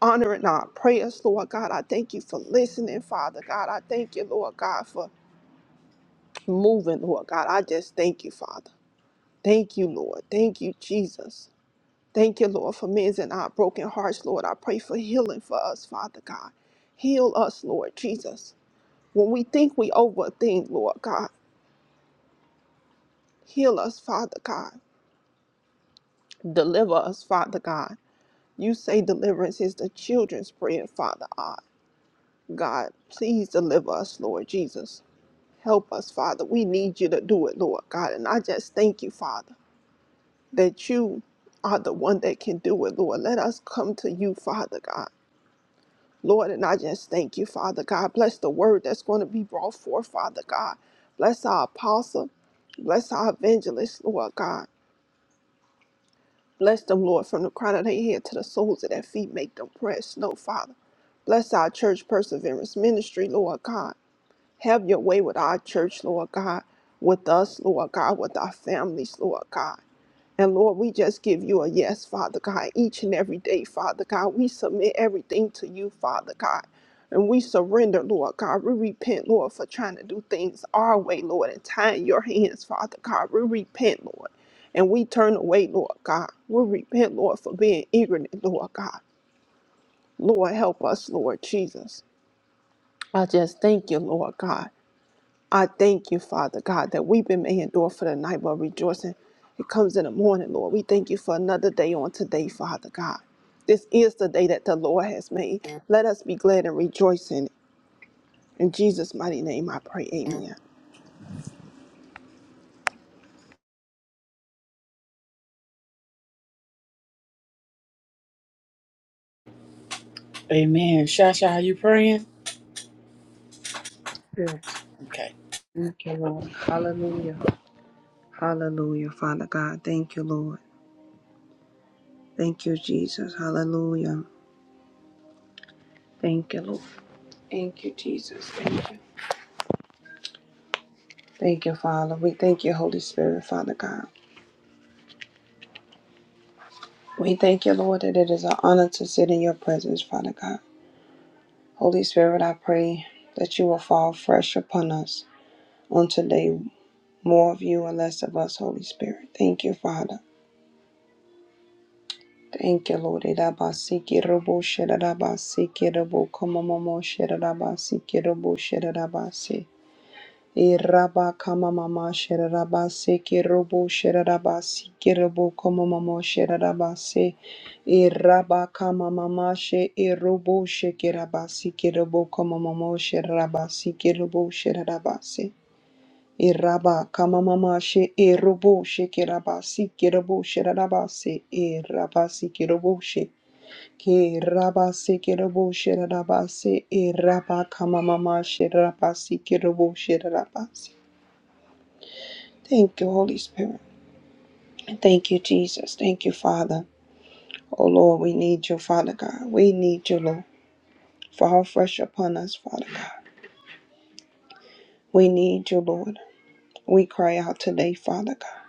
S3: honor in our prayers, Lord God. I thank you for listening, Father God. I thank you, Lord God, for moving, Lord God. I just thank you, Father. Thank you, Lord. Thank you, Jesus. Thank you, Lord, for mending our broken hearts, Lord. I pray for healing for us, Father God. Heal us, Lord Jesus. When we think we overthink, Lord God, heal us, Father God. Deliver us, Father God. You say deliverance is the children's bread, Father God. God, please deliver us, Lord Jesus. Help us, Father. We need you to do it, Lord God. And I just thank you, Father, that you are the one that can do it, Lord. Let us come to you, Father God. Lord, and I just thank you, Father God. Bless the word that's going to be brought forth, Father God. Bless our apostle. Bless our evangelist, Lord God. Bless them, Lord, from the crown of their head to the soles of their feet. Make them press, no, Father. Bless our church perseverance ministry, Lord God. Have your way with our church, Lord God, with us, Lord God, with our families, Lord God. And Lord, we just give you a yes, Father God, each and every day, Father God. We submit everything to you, Father God. And we surrender, Lord God. We repent, Lord, for trying to do things our way, Lord, and tying your hands, Father God. We repent, Lord. And we turn away, Lord God. We repent, Lord, for being ignorant, Lord God. Lord, help us, Lord Jesus. I just thank you, Lord God. I thank you, Father God, that weeping may endure for the night, but rejoicing it comes in the morning, Lord. We thank you for another day on today, Father God. This is the day that the Lord has made. Let us be glad and rejoice in it. In Jesus' mighty name, I pray. Amen.
S1: Amen. Shasha, are you praying?
S4: Yes.
S1: Okay.
S4: Thank you, Lord. Hallelujah. Hallelujah, Father God. Thank you, Lord. Thank you, Jesus. Hallelujah. Thank you, Lord. Thank you, Jesus. Thank you. Thank you, Father. We thank you, Holy Spirit, Father God. We thank you, Lord, that it is an honor to sit in your presence, Father God. Holy Spirit, I pray that you will fall fresh upon us on today. More of you and less of us, Holy Spirit. Thank you, Father. Thank you, Lord. Irabasiki robo shirabasi kirobo komomomo shirabasi kirobo shirabasi. Iraba kamamama shirabasi kirobo shirabasi kirobo komomomo shirabasi. Iraba kamamama she irobo shirabasi kirobo komomomo shirabasi kirobo shirabasi. Iraba kamamama she erobo she kirabasi kirobo shirabasi irabasi kirobo Ki rabasi kirobo shirabasi e raba kamamama shirabasi kirobo shirabasi. Thank you, Holy Spirit. And Thank you, Jesus. Thank you, Father. Oh Lord, we need you, Father God. We need you, Lord. Fall fresh upon us, Father God. We need you, Lord. We cry out today, Father God.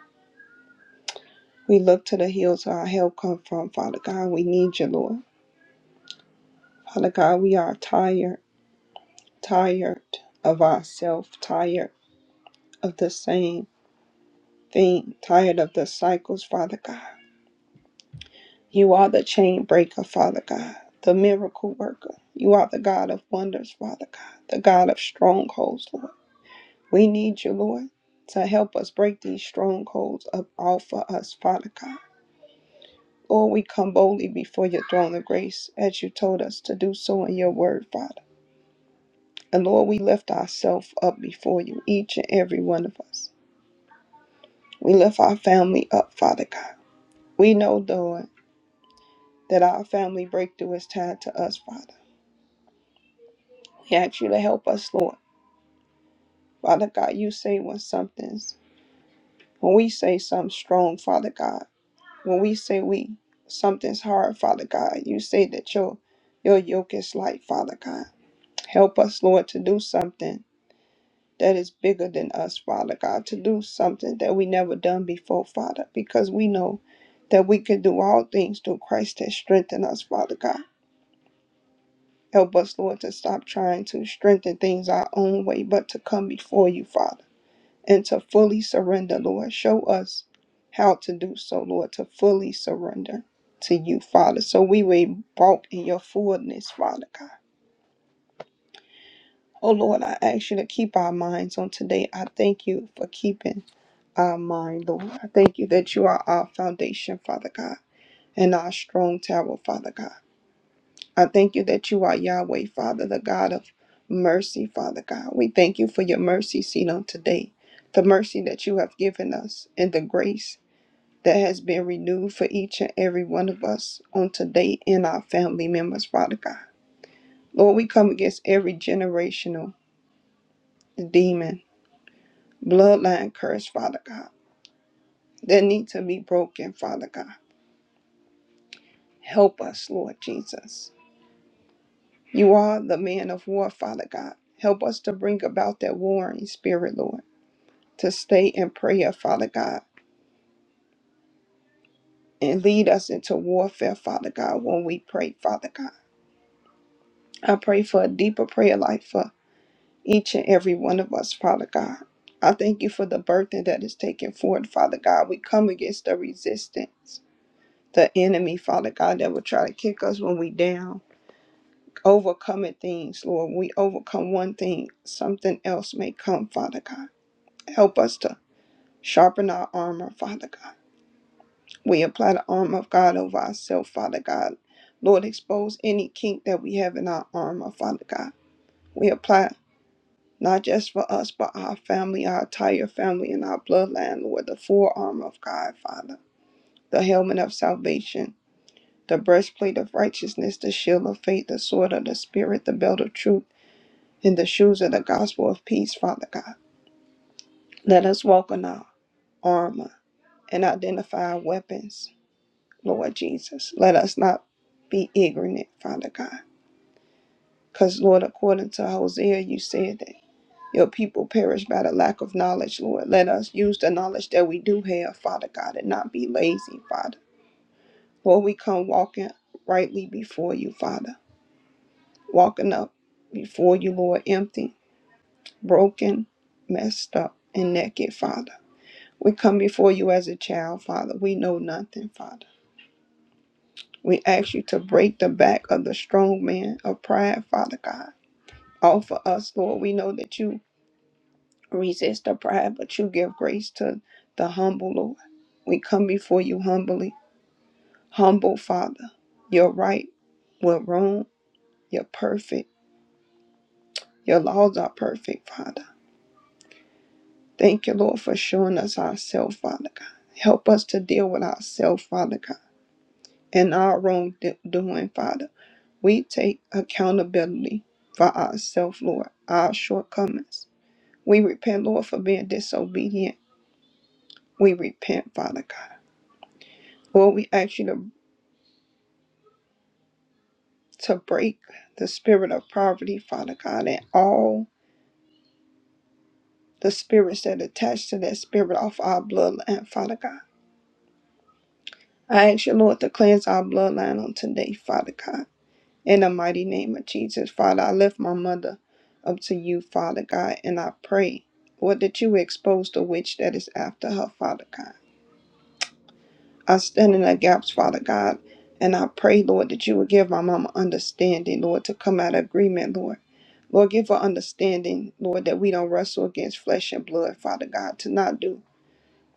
S4: We look to the hills where our help come from, Father God. We need you, Lord. Father God, we are tired, tired of ourselves, tired of the same. thing, tired of the cycles, Father God. You are the chain breaker, Father God, the miracle worker. You are the God of wonders, Father God, the God of strongholds, Lord. We need you, Lord, to help us break these strongholds up off of us, Father God. Lord, we come boldly before your throne of grace as you told us to do so in your word, Father. And Lord, we lift ourselves up before you, each and every one of us. We lift our family up, Father God. We know, Lord. that our family breakthrough is tied to us, Father. We ask you to help us, Lord. Father God, you say when something's, when we say something strong, Father God, when we say we, something's hard, Father God, you say that your, your yoke is light, Father God. Help us, Lord, to do something that is bigger than us, Father God, to do something that we never done before, Father, because we know that we can do all things through Christ that strengthen us, Father God. Help us, Lord, to stop trying to strengthen things our own way, but to come before you, Father, and to fully surrender, Lord. Show us how to do so, Lord, to fully surrender to you, Father, so we will walk in your fullness, Father God. Oh, Lord, I ask you to keep our minds on today. I thank you for keeping our mind, Lord. I thank you that you are our foundation, Father God, and our strong tower, Father God. I thank you that you are Yahweh, Father, the God of mercy, Father God. We thank you for your mercy seen on today, the mercy that you have given us, and the grace that has been renewed for each and every one of us on today and our family members, Father God. Lord, we come against every generational demon, bloodline curse, Father God, that need to be broken, Father God. Help us, Lord Jesus. You are the man of war, Father God. Help us to bring about that warring spirit, Lord. to stay in prayer, Father God, and lead us into warfare, Father God, when we pray, Father God. I pray for a deeper prayer life for each and every one of us, Father God. I thank you for the burden that is taken forward, Father God. We come against the resistance, the enemy, Father God, that will try to kick us when we down. Overcoming things, Lord. We overcome one thing, something else may come, Father God. Help us to sharpen our armor, Father God We apply the armor of God over ourselves, Father God. Lord, expose any kink that we have in our armor, Father God. We apply not just for us, but our family, our entire family, and our bloodline, Lord, the full armor of God, Father. The helmet of salvation, the breastplate of righteousness, the shield of faith, the sword of the Spirit, the belt of truth, and the shoes of the gospel of peace, Father God. Let us walk in our armor and identify our weapons Lord Jesus. Let us not be ignorant, Father God. Because, Lord, according to Hosea, you said that your people perish by the lack of knowledge, Lord. Let us use the knowledge that we do have, Father God, and not be lazy, Father. Lord, we come walking rightly before you, Father. Walking up before you, Lord, empty, broken, messed up, and naked, Father. We come before you as a child, Father. We know nothing, Father. We ask you to break the back of the strong man of pride, Father God. Offer us, Lord. We know that you resist the pride, but you give grace to the humble, Lord. We come before you humbly. Humble, Father. You're right. We're wrong. You're perfect. Your laws are perfect, Father. Thank you, Lord, for showing us ourselves, Father God. Help us to deal with ourselves, Father God, and our wrongdoing, Father. We take accountability for ourselves, Lord, our shortcomings. We repent, Lord, for being disobedient. We repent, Father God. Lord, we ask you to, to break the spirit of poverty, Father God, and all the spirits that attach to that spirit off our bloodline, Father God. I ask you, Lord, to cleanse our bloodline on today, Father God. In the mighty name of Jesus, Father, I lift my mother up to you, Father God, and I pray, Lord, that you expose the witch that is after her, Father God. I stand in the gaps, Father God, and I pray, Lord, that you would give my mama understanding, Lord, to come out of agreement, Lord. Lord, give her understanding, Lord, that we don't wrestle against flesh and blood, Father God, to not do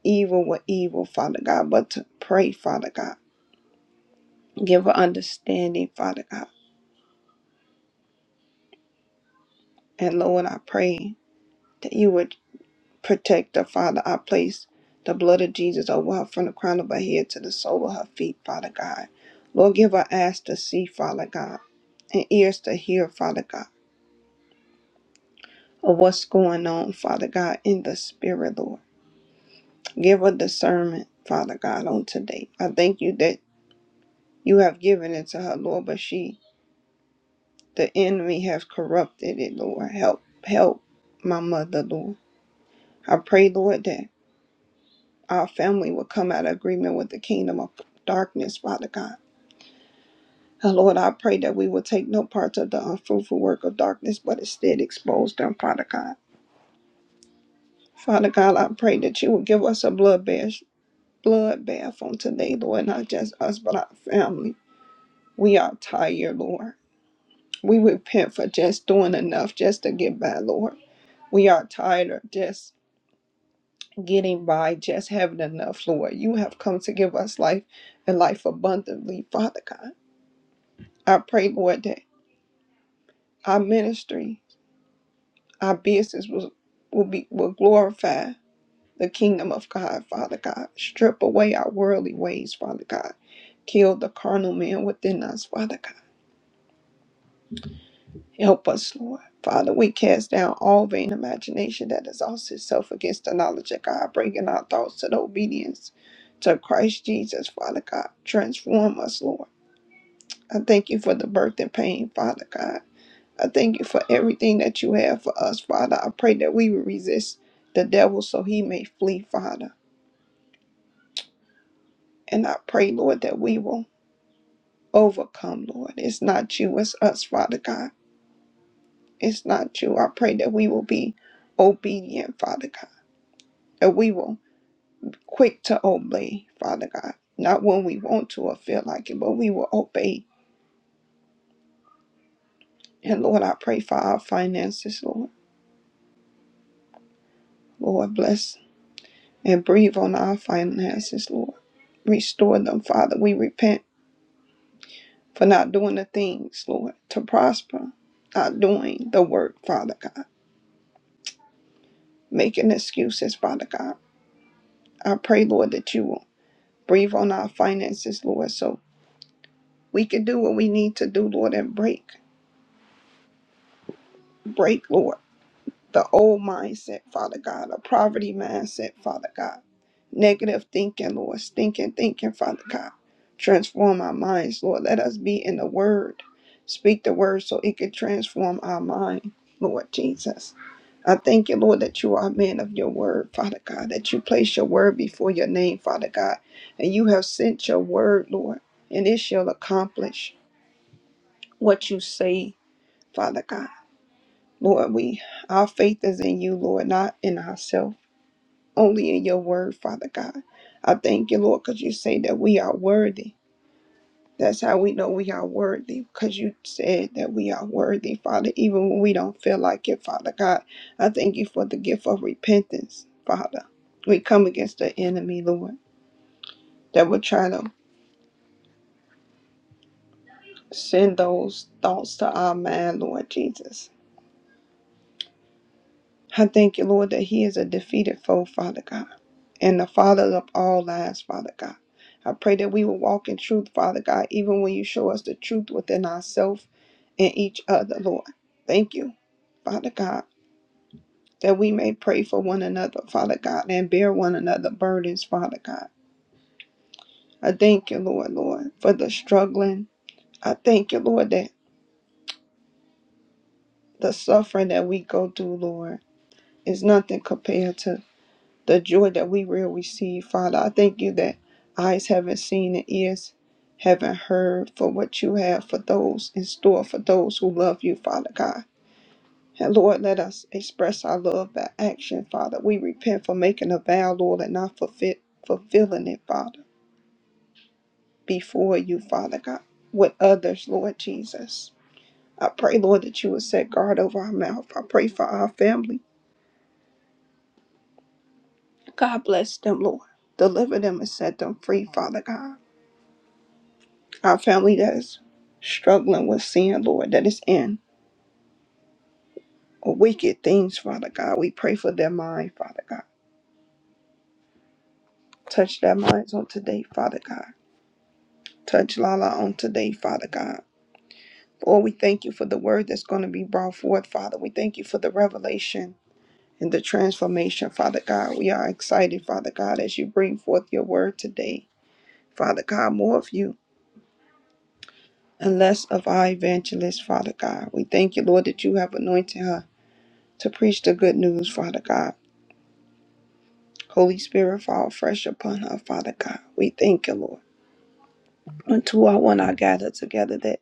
S4: evil with evil, Father God, but to pray, Father God. Give her understanding, Father God. And Lord, I pray that you would Protect her, Father. I place the blood of Jesus over her from the crown of her head to the sole of her feet, Father God. Lord, give her eyes to see, Father God, and ears to hear, Father God, of what's going on, Father God, in the spirit, Lord. Give her discernment, Father God, on today. I thank you that you have given it to her, Lord, but she, the enemy, has corrupted it, Lord. Help, help my mother, Lord. I pray, Lord, that our family will come out of agreement with the kingdom of darkness, Father God. And Lord, I pray that we will take no part of the unfruitful work of darkness, but instead expose them, Father God. Father God, I pray that you will give us a blood bath, blood bath on today, Lord, not just us, but our family. We are tired, Lord. We repent for just doing enough just to get by, Lord. We are tired of just getting by, just having enough, Lord. You have come to give us life and life abundantly, Father God. I pray, Lord, that our ministry, our business will, will be will glorify the kingdom of God, Father God. Strip away our worldly ways, Father God. Kill the carnal man within us, Father God. Help us, Lord. Father, we cast down all vain imagination that exalts itself against the knowledge of God, bringing our thoughts to the obedience to Christ Jesus, Father God. Transform us, Lord. I thank you for the birth and pain, Father God. I thank you for everything that you have for us, Father. I pray that we will resist the devil so he may flee, Father. And I pray, Lord, that we will overcome, Lord. It's not you, it's us, Father God. It's not you. I pray that we will be obedient, Father God. That we will quick to obey, Father God. Not when we want to or feel like it, but we will obey. And Lord, I pray for our finances, Lord. Lord, bless and breathe on our finances, Lord. Restore them, Father. We repent for not doing the things, Lord, to prosper, not doing the work, Father God, making excuses, Father God. I pray, Lord, that you will breathe on our finances, Lord, so we can do what we need to do, Lord, and break, break, Lord. the old mindset, Father God, a poverty mindset, Father God. Negative thinking, Lord, stinking thinking, Father God. Transform our minds, Lord. Let us be in the Word. Speak the Word so it can transform our mind, Lord Jesus. I thank you, Lord, that you are a man of your word, Father God, that you place your word before your name, Father God, and you have sent your word, Lord, and it shall accomplish what you say, Father God. Lord, we our faith is in you, Lord, not in ourselves, only in your word, Father God. I thank you, Lord, because you say that we are worthy. That's how we know we are worthy, because you said that we are worthy, Father, even when we don't feel like it, Father God. I thank you for the gift of repentance, Father. We come against the enemy, Lord, that will try to send those thoughts to our mind, Lord Jesus. I thank you, Lord, that he is a defeated foe, Father God. and the Father of all lies, Father God. I pray that we will walk in truth, Father God, even when you show us the truth within ourselves and each other, Lord. Thank you, Father God, that we may pray for one another, Father God, and bear one another burdens, Father God. I thank you, Lord, Lord, for the struggling. I thank you, Lord, that the suffering that we go through, Lord, is nothing compared to the joy that we will receive, Father. I thank you that eyes haven't seen and ears haven't heard for what you have for those in store for those who love you, Father God. And Lord, let us express our love by action, Father. We repent for making a vow, Lord, and not fulfill, fulfilling it, Father, before you, Father God, with others, Lord Jesus. I pray, Lord, that you would set guard over our mouth. I pray for our family. God bless them, Lord. Deliver them and set them free, Father God. Our family that's struggling with sin, Lord, that is in or wicked things, Father God. We pray for their mind, Father God. Touch their minds on today, Father God. Touch Lala on today, Father God. Lord, we thank you for the word that's going to be brought forth, Father. We thank you for the revelation and the transformation, Father God. We are excited, Father God, as you bring forth your word today, Father God. More of you and less of our evangelist, Father God. We thank you, Lord, that you have anointed her to preach the good news, Father God. Holy Spirit, fall fresh upon her, Father God. We thank you, Lord. Unto our one I gather together that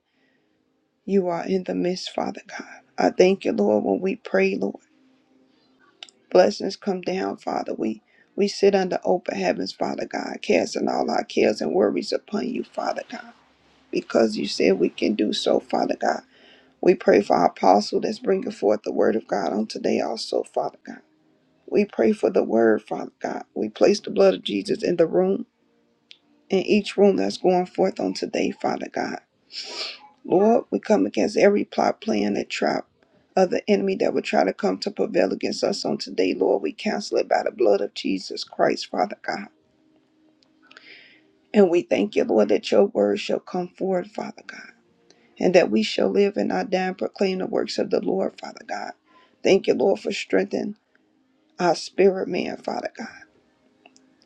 S4: you are in the midst, Father God. I thank you, Lord, when we pray, Lord. Blessings come down, Father. We we sit under open heavens, Father God, casting all our cares and worries upon you, Father God, because you said we can do so, Father God. We pray for our apostle that's bringing forth the word of God on today also, Father God. We pray for the word, Father God. We place the blood of Jesus in the room in each room that's going forth on today, Father God. Lord, we come against every plot, plan, and trap of the enemy that would try to come to prevail against us on today, Lord. We cancel it by the blood of Jesus Christ, Father God. And we thank you, Lord, that your word shall come forward, Father God, and that we shall live and not die and proclaim the works of the Lord, Father God. Thank you, Lord, for strengthening our spirit, man, Father God.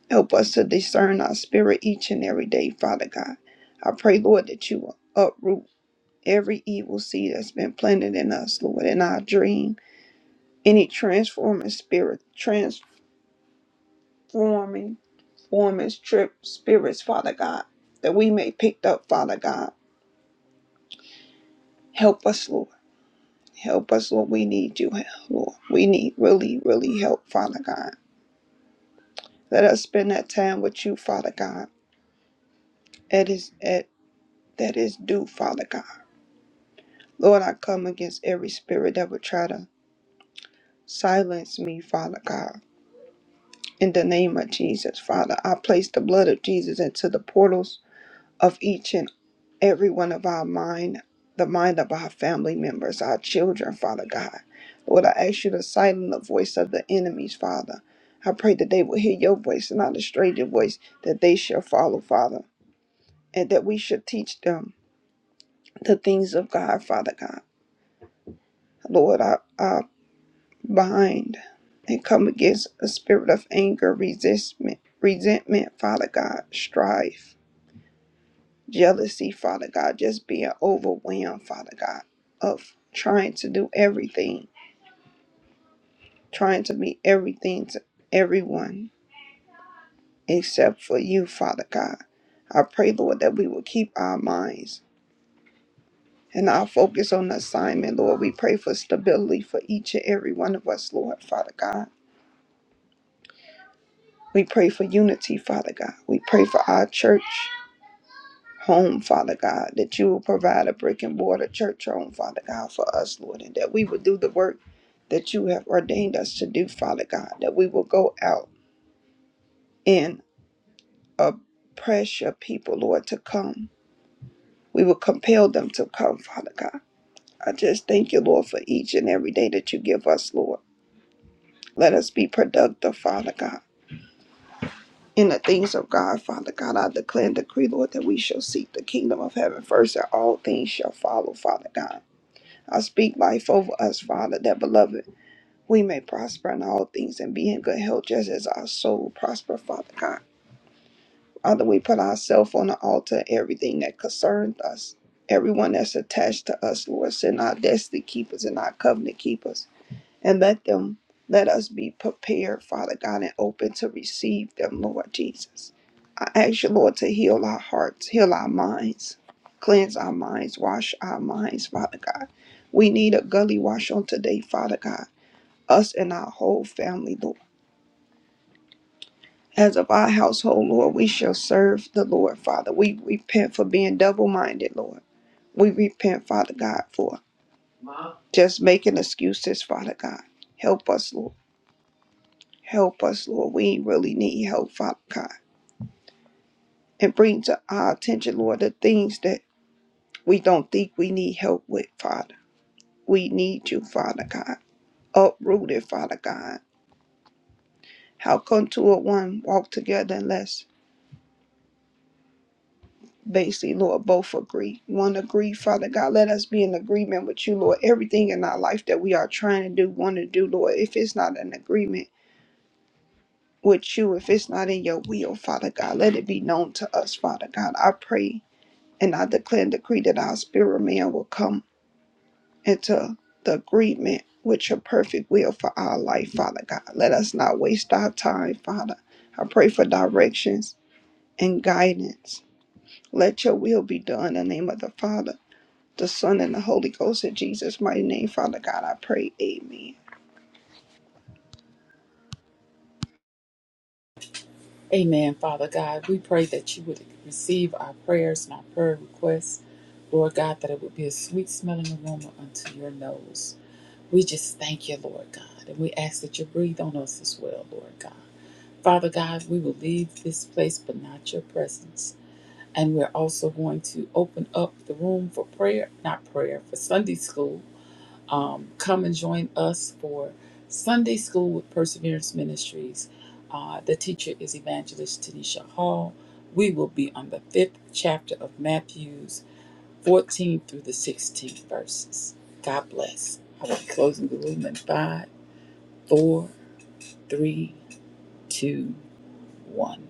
S4: Help us to discern our spirit each and every day, Father God. I pray, Lord, that you will uproot. every evil seed that's been planted in us, Lord, in our dream, any transforming spirit, transforming, forming trip spirits, Father God, that we may pick up, Father God. Help us, Lord. Help us, Lord. We need you, Lord. We need really, really help, Father God. Let us spend that time with you, Father God. It is at that is due, Father God. Lord, I come against every spirit that would try to silence me, Father God In the name of Jesus, Father, I place the blood of Jesus into the portals of each and every one of our mind, the mind of our family members, our children, Father God. Lord, I ask you to silence the voice of the enemies, Father. I pray that they will hear your voice and not a stranger voice that they shall follow, Father, and that we should teach them the things of God, Father God. Lord, I, I bind and come against a spirit of anger, resentment, resentment, Father God, strife jealousy, Father God, just being overwhelmed, Father God, of trying to do everything, trying to be everything to everyone except for you, Father God. I pray, Lord, that we will keep our minds and our focus on the assignment, Lord. We pray for stability for each and every one of us, Lord, Father God. We pray for unity, Father God. We pray for our church. home, Father God, that you will provide a brick and mortar church home, Father God, for us, Lord, and that we will do the work that you have ordained us to do, Father God, that we will go out and oppress your people, Lord, to come. We will compel them to come, Father God. I just thank you, Lord, for each and every day that you give us, Lord. Let us be productive, Father God. In the things of God, Father God, I declare and decree, Lord, that we shall seek the kingdom of heaven first, and all things shall follow, Father God. I speak life over us, Father, that beloved, we may prosper in all things and be in good health just as our soul prosper, Father God. Father, we put ourselves on the altar, everything that concerns us, everyone that's attached to us, Lord, send our destiny keepers and our covenant keepers, and let them, let us be prepared, Father God, and open to receive them, Lord Jesus. I ask you, Lord, to heal our hearts, heal our minds, cleanse our minds, wash our minds, Father God. We need a gully wash on today, Father God, us and our whole family, Lord. As of our household, Lord, we shall serve the Lord, Father. We repent for being double minded, Lord. We repent, Father God, for just making excuses, Father God. Help us, Lord. Help us, Lord. We really need help, Father God. And bring to our attention, Lord, the things that we don't think we need help with, Father. We need you, Father God. Uprooted, Father God. How come two or one walk together unless Basically, Lord, both agree. One agree, Father God, let us be in agreement with you, Lord. Everything in our life that we are trying to do, want to do, Lord, if it's not an agreement with you, if it's not in your will, Father God, let it be known to us, Father God. I pray and I declare and decree that our spirit man will come into the agreement with your perfect will for our life, Father God. Let us not waste our time, Father. I pray for directions and guidance. Let your will be done in the name of the Father. the Son, and the Holy Ghost. In Jesus' mighty name, Father God, I pray. Amen.
S1: Amen, Father God. We pray that you would receive our prayers and our prayer requests. Lord God, that it would be a sweet smelling aroma unto your nose. We just thank you, Lord God, and we ask that you breathe on us as well, Lord God. Father God, we will leave this place but not your presence. And we're also going to open up the room for prayer, not prayer, for Sunday school um, come and join us for Sunday School with Perseverance Ministries. Uh, the teacher is Evangelist Tanisha Hall. We will be on the fifth chapter of Matthew's 14 through the 16th verses. God bless. I will be closing the room in five, four, three, two, one.